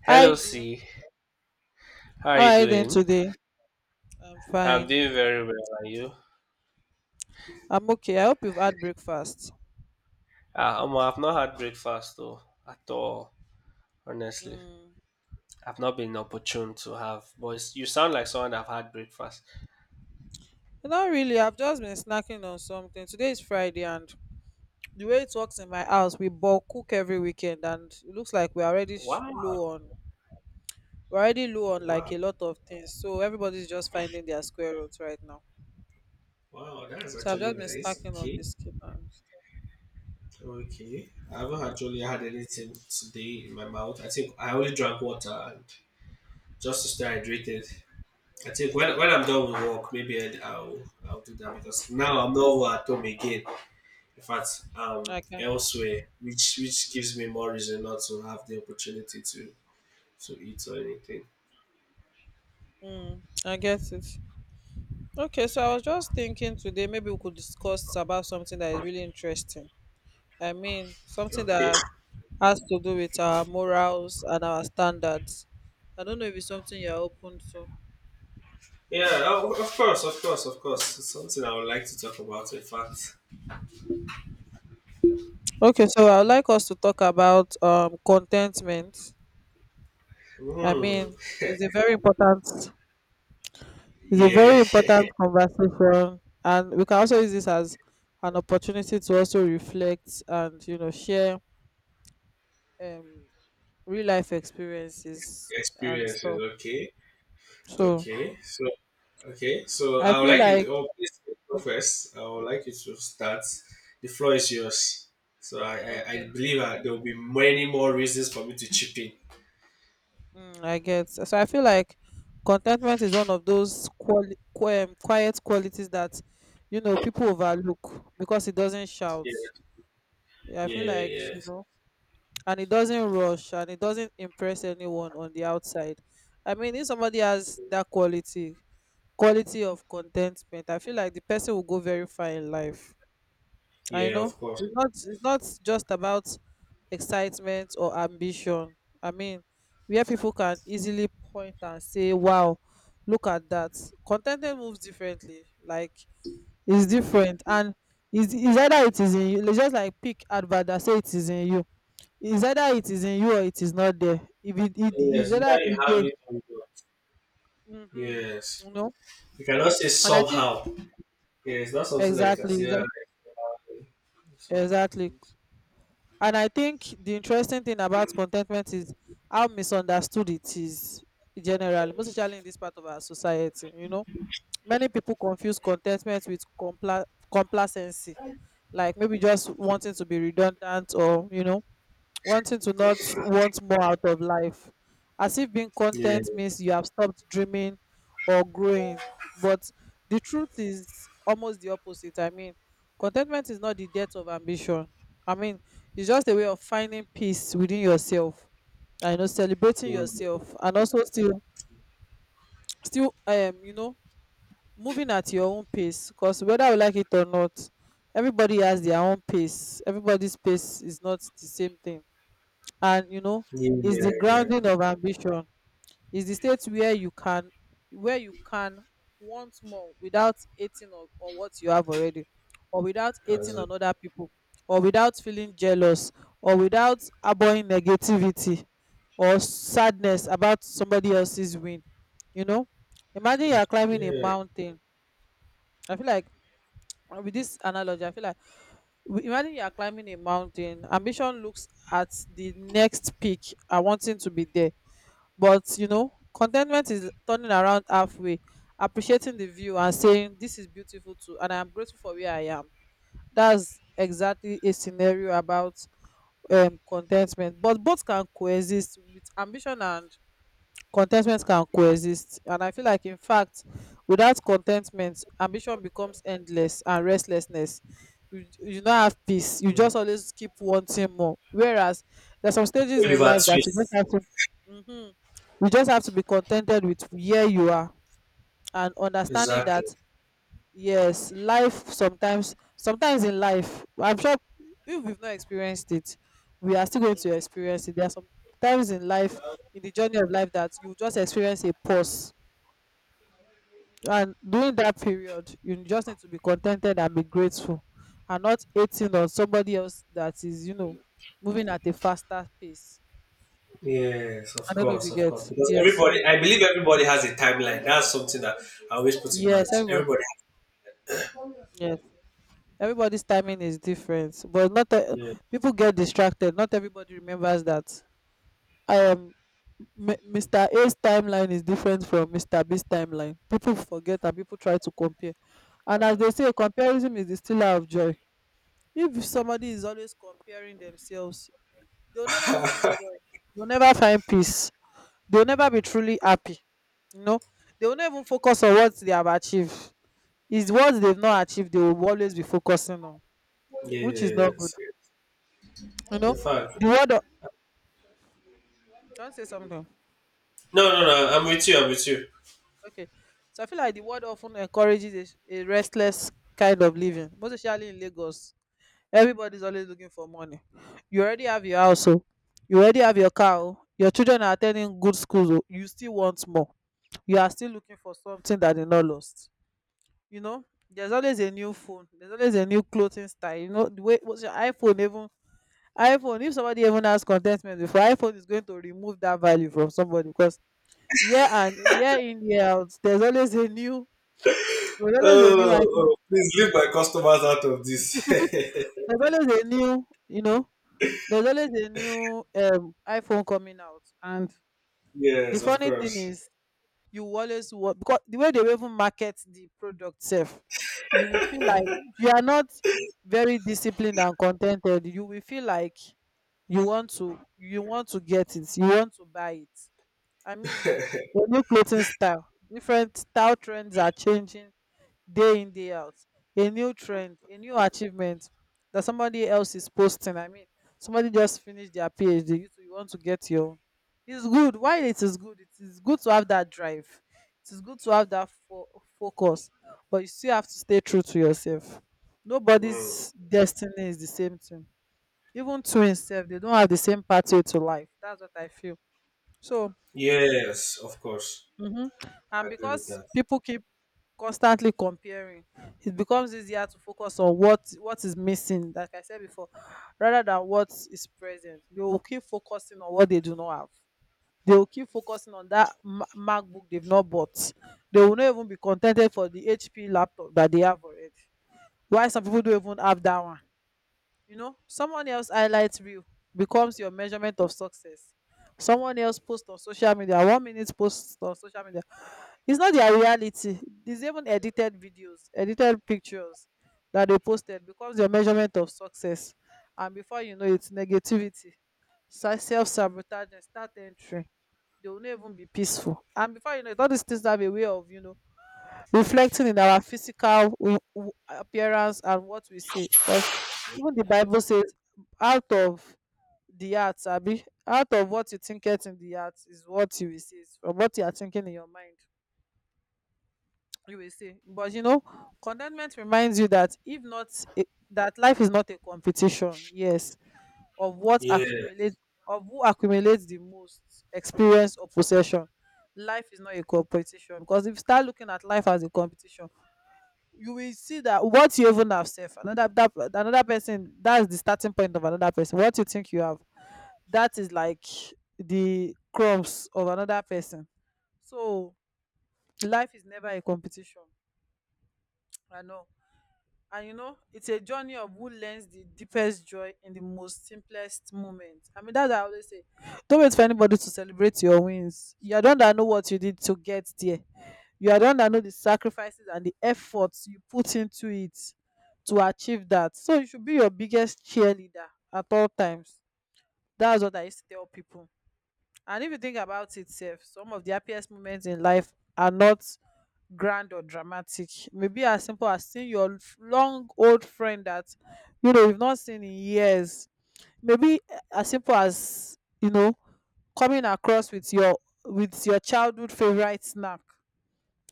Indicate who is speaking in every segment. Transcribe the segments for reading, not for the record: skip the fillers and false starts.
Speaker 1: Hello,
Speaker 2: Hi, Vim.
Speaker 1: C. How are
Speaker 2: How
Speaker 1: you
Speaker 2: are you doing
Speaker 1: doing?
Speaker 2: today? I'm
Speaker 1: I'm
Speaker 2: fine.
Speaker 1: doing very well. Are you?
Speaker 2: I'm okay. I hope you've had breakfast.
Speaker 1: I've not had breakfast though at all. Honestly,
Speaker 2: Mm.
Speaker 1: I've not been opportune to have. But you sound like someone that have had breakfast.
Speaker 2: Not really. I've just been snacking on something. Today is Friday, and the way it works in my house, we bulk cook every weekend, and it looks like
Speaker 1: Wow,
Speaker 2: low on we're already low on like
Speaker 1: wow,
Speaker 2: a lot of things. So everybody's just finding their square roots right now.
Speaker 1: wow, that's
Speaker 2: So I've
Speaker 1: actually
Speaker 2: just been
Speaker 1: nice.
Speaker 2: snacking on
Speaker 1: Okay,
Speaker 2: biscuit and
Speaker 1: okay. I haven't actually had anything today in my mouth. I think I only drank water and just to stay hydrated. I think when I'm done with work, maybe I'll do that because now I'm not over at home again. In fact,
Speaker 2: okay.
Speaker 1: elsewhere, which gives me more reason not to have the opportunity to eat or anything.
Speaker 2: Mm, I get it. Okay, so I was just thinking today maybe we could discuss about something that is really interesting. I mean, something
Speaker 1: Okay.
Speaker 2: that has to do with our morals and our standards. I don't know if it's something you're open to.
Speaker 1: Yeah, oh, of course, of course, of course, it's something I would like to talk about, in fact.
Speaker 2: Okay, so I would like us to talk about contentment. I
Speaker 1: Hmm.
Speaker 2: mean, it's a very important it's a
Speaker 1: Yeah.
Speaker 2: very important conversation, and we can also use this as an opportunity to also reflect and, you know, share um real life experiences and
Speaker 1: Experiences,
Speaker 2: stuff.
Speaker 1: okay.
Speaker 2: So
Speaker 1: Okay so okay so
Speaker 2: I
Speaker 1: I would
Speaker 2: feel
Speaker 1: like you,
Speaker 2: like
Speaker 1: oh, please go
Speaker 2: okay.
Speaker 1: first. I would like you to start. The floor is yours. So I
Speaker 2: Okay.
Speaker 1: believe there will be many more reasons for me to chip in.
Speaker 2: Mm, I get. So I feel like contentment is one of those quiet qualities that, you know, people overlook because it doesn't shout. Yeah, I
Speaker 1: Yeah,
Speaker 2: feel like,
Speaker 1: yeah, yeah.
Speaker 2: you know, and it doesn't rush and it doesn't impress anyone on the outside. I mean, if somebody has that quality, quality of contentment, I feel like the person will go very far in life. I
Speaker 1: Yeah,
Speaker 2: know
Speaker 1: of course.
Speaker 2: it's not just about excitement or ambition. I mean, where people can easily point and say, "Wow, look at that." Contentment moves differently. Like it's different, and is either it is in you. Let's just like pick advert that say it is in you. Is either it is in you or it is not there. If it is
Speaker 1: Yes, either
Speaker 2: either
Speaker 1: you
Speaker 2: it
Speaker 1: have
Speaker 2: there.
Speaker 1: it or you don't.
Speaker 2: Mm-hmm.
Speaker 1: Yes.
Speaker 2: You know,
Speaker 1: You cannot say
Speaker 2: and I think
Speaker 1: somehow. Yeah, it's not something that you can
Speaker 2: exactly
Speaker 1: say. "Ah,
Speaker 2: exa-
Speaker 1: it's,
Speaker 2: exactly.
Speaker 1: so."
Speaker 2: And I think the interesting thing about contentment is how misunderstood it is generally, most especially in this part of our society. You know, many people confuse contentment with complacency, like maybe just wanting to be redundant, or, you know, wanting to not want more out of life, as if being
Speaker 1: Yeah.
Speaker 2: content means you have stopped dreaming or growing. But the truth is almost the opposite. I mean, contentment is not the death of ambition. I mean, it's just a way of finding peace within yourself, and, you know, celebrating
Speaker 1: Mm.
Speaker 2: yourself, and also still, you know, moving at your own pace. Because whether you like it or not, everybody has their own pace, everybody's pace is not the same thing. And, you know,
Speaker 1: Yeah,
Speaker 2: is
Speaker 1: yeah,
Speaker 2: the
Speaker 1: yeah.
Speaker 2: grounding of ambition, is the state where you can want more without hating on what you have already, or without
Speaker 1: As
Speaker 2: hating on other people, or without feeling jealous, or without harboring negativity or sadness about somebody else's win. You know, imagine you are climbing a
Speaker 1: Yeah.
Speaker 2: mountain. I feel like, and with this analogy I feel like, imagine you are climbing a mountain. Ambition looks at the next peak and wanting to be there, but you know contentment is turning around halfway, appreciating the view and saying this is beautiful too, and I am grateful for where I am. That's exactly a scenario about contentment. But both can coexist with ambition, and contentment can coexist. And I feel like in fact, without contentment, ambition becomes endless and restlessness. You not have peace, you
Speaker 1: Mm.
Speaker 2: just always keep wanting more. Whereas there's some stages in
Speaker 1: Oliver
Speaker 2: life that you just
Speaker 1: Twist.
Speaker 2: have to mm-hmm, you just have to be contented with where you are, and understanding
Speaker 1: Exactly.
Speaker 2: that yes, life sometimes sometimes in life, I'm sure, if we've not experienced it, we are still going to experience it. There are some times in life, in the journey of life, that you just experience a pause, and during that period you just need to be contented and be grateful, and not hating on somebody else that is, you know, moving at a faster pace.
Speaker 1: Yes,
Speaker 2: I
Speaker 1: of
Speaker 2: don't know if
Speaker 1: course,
Speaker 2: you
Speaker 1: of
Speaker 2: get.
Speaker 1: course. Because
Speaker 2: Yes, so
Speaker 1: everybody, I believe everybody has a timeline. That's something that I always put in mind.
Speaker 2: yes, everybody,
Speaker 1: Everybody.
Speaker 2: yes, everybody's timing is different. But not e-
Speaker 1: Yeah.
Speaker 2: People get distracted, not everybody remembers that, um Mr. A's timeline is different from Mr. B's timeline. People forget and people try to compare. And as they say, comparison is the stealer of joy. If somebody is always comparing themselves, they'll never find joy. They'll never find peace. They'll never be truly happy. You know, they will not even focus on what they have achieved. It's what they've not achieved they will always be focusing on, which is not good.
Speaker 1: Yes.
Speaker 2: You know,
Speaker 1: In fact,
Speaker 2: the word of, don't say something.
Speaker 1: no, no, no. I'm with you. I'm with you.
Speaker 2: Okay. So I feel like the world often encourages a, a restless kind of living, most especially in Lagos. Everybody's always looking for money. You already have your house, oh. You already have your car, oh. Your children are attending good schools, oh. You still want more. You are still looking for something that that is not lost. You know, there's always a new phone, there's always a new clothing style. You know, the way what's your iPhone even iPhone, if somebody even has contentment before, iPhone is going to remove that value from somebody, because year and year in, year out, there's always a new, there's always a new
Speaker 1: Oh,
Speaker 2: iPhone.
Speaker 1: oh, please leave my customers out of this.
Speaker 2: There's always a new, you know, there's always a new iPhone coming out. And the
Speaker 1: Yes, of
Speaker 2: funny thing
Speaker 1: course.
Speaker 2: is, you always want, because the way they even market the product self, you will feel like if you are not very disciplined and contented, you will feel like you want to get it, you want to buy it. I mean, the new clothing style, different style trends are changing day in day out, a new trend, a new achievement that somebody else is posting. I mean, somebody just finished their PhD, you too you want to get your own. It's good, while it is good, it is good to have that drive, it is good to have that focus. But you still have to stay true to yourself.
Speaker 1: Mm.
Speaker 2: Nobody's destiny is the same thing. Even twins sef, they don't have the same pathway to life. That's what I feel. So
Speaker 1: Yes, of course.
Speaker 2: mhm, and
Speaker 1: I agree with
Speaker 2: because
Speaker 1: that.
Speaker 2: people keep constantly comparing, it becomes easier to focus on what is missing, like I said before, rather than what is present. They will keep focusing on what they do not have, they will keep focusing on that MacBook they've not bought. They will not even be contented for the HP laptop that they have already. Why, some people don't even have that one. You know, someone else highlights real becomes your measurement of success. Someone else post on social media 1 minute, post on social media, it's not their reality. There's even edited videos, edited pictures that they posted becomes their measurement of success. And before you know it, negativity, self-sabotage and start entering. They will not even be peaceful, and before you know it all these things have a way of, you know, reflecting in our physical appearance and what we say, because even the Bible says out of the heart, abi out of what you think it in the heart, is what you will say. From what you are thinking in your mind, you will see. But you know, contentment reminds you that if not a, that life is not a competition. Yes, of what
Speaker 1: Yeah,
Speaker 2: accumulates, of who accumulates the most experience or possession. Life is not a competition, because if you start looking at life as a competition, you will see that what you even have self another that, another person, that's the starting point of another person. What you think you have, that is like the crumbs of another person. So life is never a competition. I know. And you know, it's a journey of who learns the deepest joy in the most simplest moment. I mean, that's what I always say. Don't wait for anybody to celebrate your wins. You are the one that know what you did to get there. You are the one that know the sacrifices and the efforts you put into it to achieve that. So you should be your biggest cheerleader at all times. That's what I used to tell people. And if you think about it, sef, some of the happiest moments in life are not grand or dramatic. Maybe as simple as seeing your long old friend that, you know, you've not seen in years. Maybe eh, as simple as, you know, coming across with your, with your childhood favorite snack.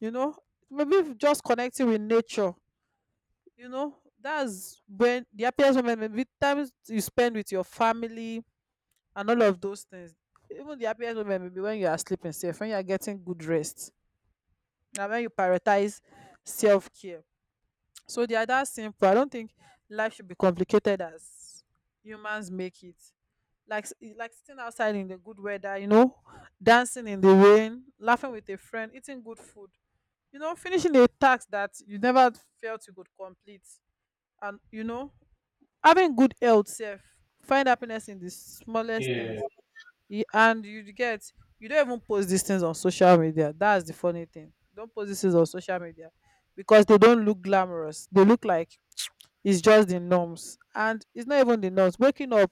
Speaker 2: You know, maybe if just connecting with nature. You know, that's when the happiest moment. Maybe times you spend with your family and all of those things. Even the happiest moment maybe when you are sleeping safe, when you are getting good rest, and when you prioritize self care. So they are that simple. I don't think life should be complicated as humans make it. Like sitting outside in the good weather, dancing in the rain, laughing with a friend, eating good food, finishing a task that you never felt you could complete, and having good health, self, find happiness in the smallest
Speaker 1: yeah.
Speaker 2: things. Ye- and you get You don't even post these things on social media. That's the funny thing. Don't post these things on social media because they don't look glamorous. They look like is just the norms, and it's not even the norms, waking up,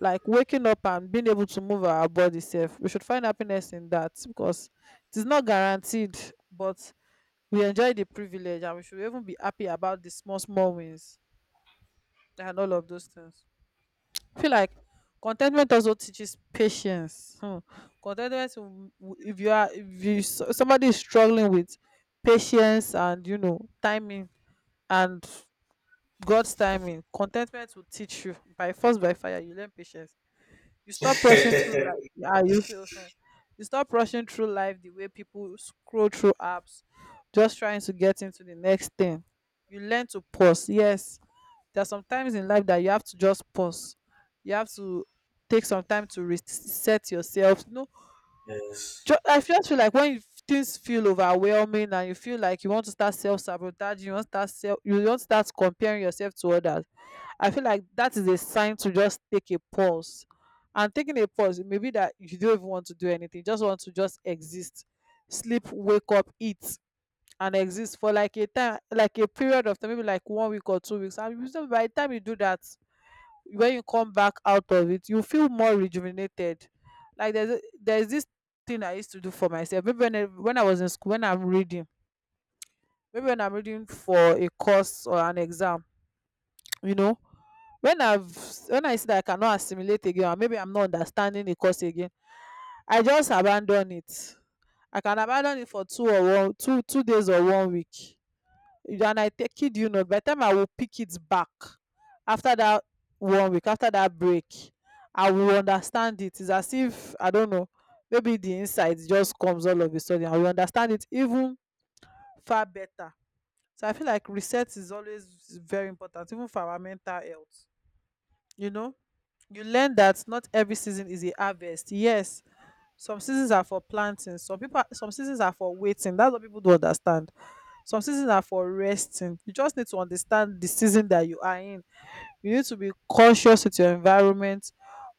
Speaker 2: like waking up and being able to move our body self, we should find happiness in that because it is not guaranteed. But we enjoy the privilege and we should even be happy about the small small wins and all of those things. I feel like contentment also teaches patience. Hmm. Contentment if you s- somebody is struggling with patience and timing, and God's timing. Contentment will teach you by force, by fire. You learn patience. You stop rushing through life. Yeah, you say, you stop rushing through life the way people scroll through apps, just trying to get into the next thing. You learn to pause. Yes, there are some times in life that you have to just pause. You have to take some time to reset yourself. No,
Speaker 1: Yes.
Speaker 2: I just feel like things feel overwhelming and you feel like you want to start self sabotaging, you want to start comparing yourself to others. I feel like that is a sign to just take a pause. And taking a pause, it may be that you don't even want to do anything, just want to just exist, sleep, wake up, eat, and exist for like a time, like a period of time, maybe like 1 week or 2 weeks. And by the time you do that, when you come back out of it, you feel more rejuvenated. Like there's this thing I used to do for myself. Maybe when I was in school, when I'm reading, maybe when I'm reading for a course or an exam, you know when i've when I see that I cannot assimilate again, or maybe I'm not understanding the course again, I just abandon it. I can abandon it for two or one two days or 1 week, and i, take kid you not, by the time I will pick it back, after that, 1 week after that break, I will understand it. It's as if I don't know, maybe the insight just comes all of a sudden. I will understand it even far better. So I feel like reset is always very important even for our mental health, you know you learn that not every season is a harvest. Yes, some seasons are for planting, some seasons are for waiting, that's what people don't understand. Some seasons are for resting. You just need to understand the season that you are in. You need to be conscious with your environment,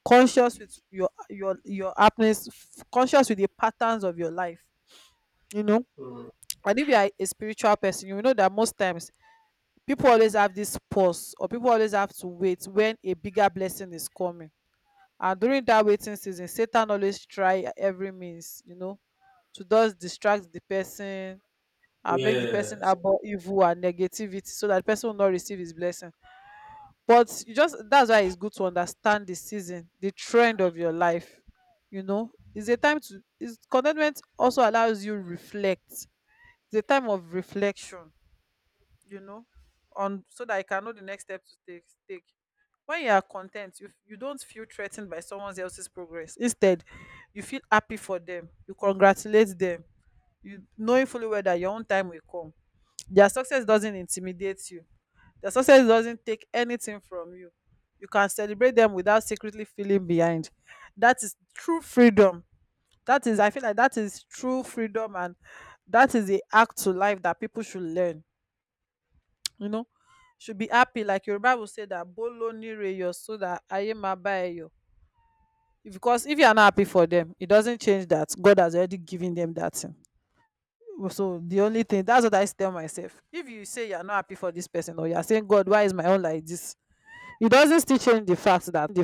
Speaker 2: conscious with your happiness, conscious with the patterns of your life, you know
Speaker 1: Mm.
Speaker 2: and if you are a spiritual person you will know that most times people always have this pause, or people always have to wait when a bigger blessing is coming. And during that waiting season Satan always try every means, to just distract the person, and make the person
Speaker 1: Yes.
Speaker 2: about evil and negativity so that the person will not receive his blessing. But you just, that's why it's good to understand the season, the trend of your life, it's a time to Is contentment also allows you reflect? It's a time of reflection, you know on, so that you can know the next step to take. When you are content, you don't feel threatened by someone else's progress. Instead you feel happy for them, you congratulate them, you knowing fully well that your own time will come. Their success doesn't intimidate you. Their success doesn't take anything from you. You can celebrate them without secretly feeling behind. That is true freedom. That is, I feel like that is true freedom, and that is the act to life that people should learn, you know should be happy like your Bible said, that bolo nire yo so that aye ma. Because if you are not happy for them it doesn't change that god has already given them that thing. So the only thing, that's what I tell myself, if you say you are not happy for this person, or you are saying god why is my own like this, it doesn't still change the fact that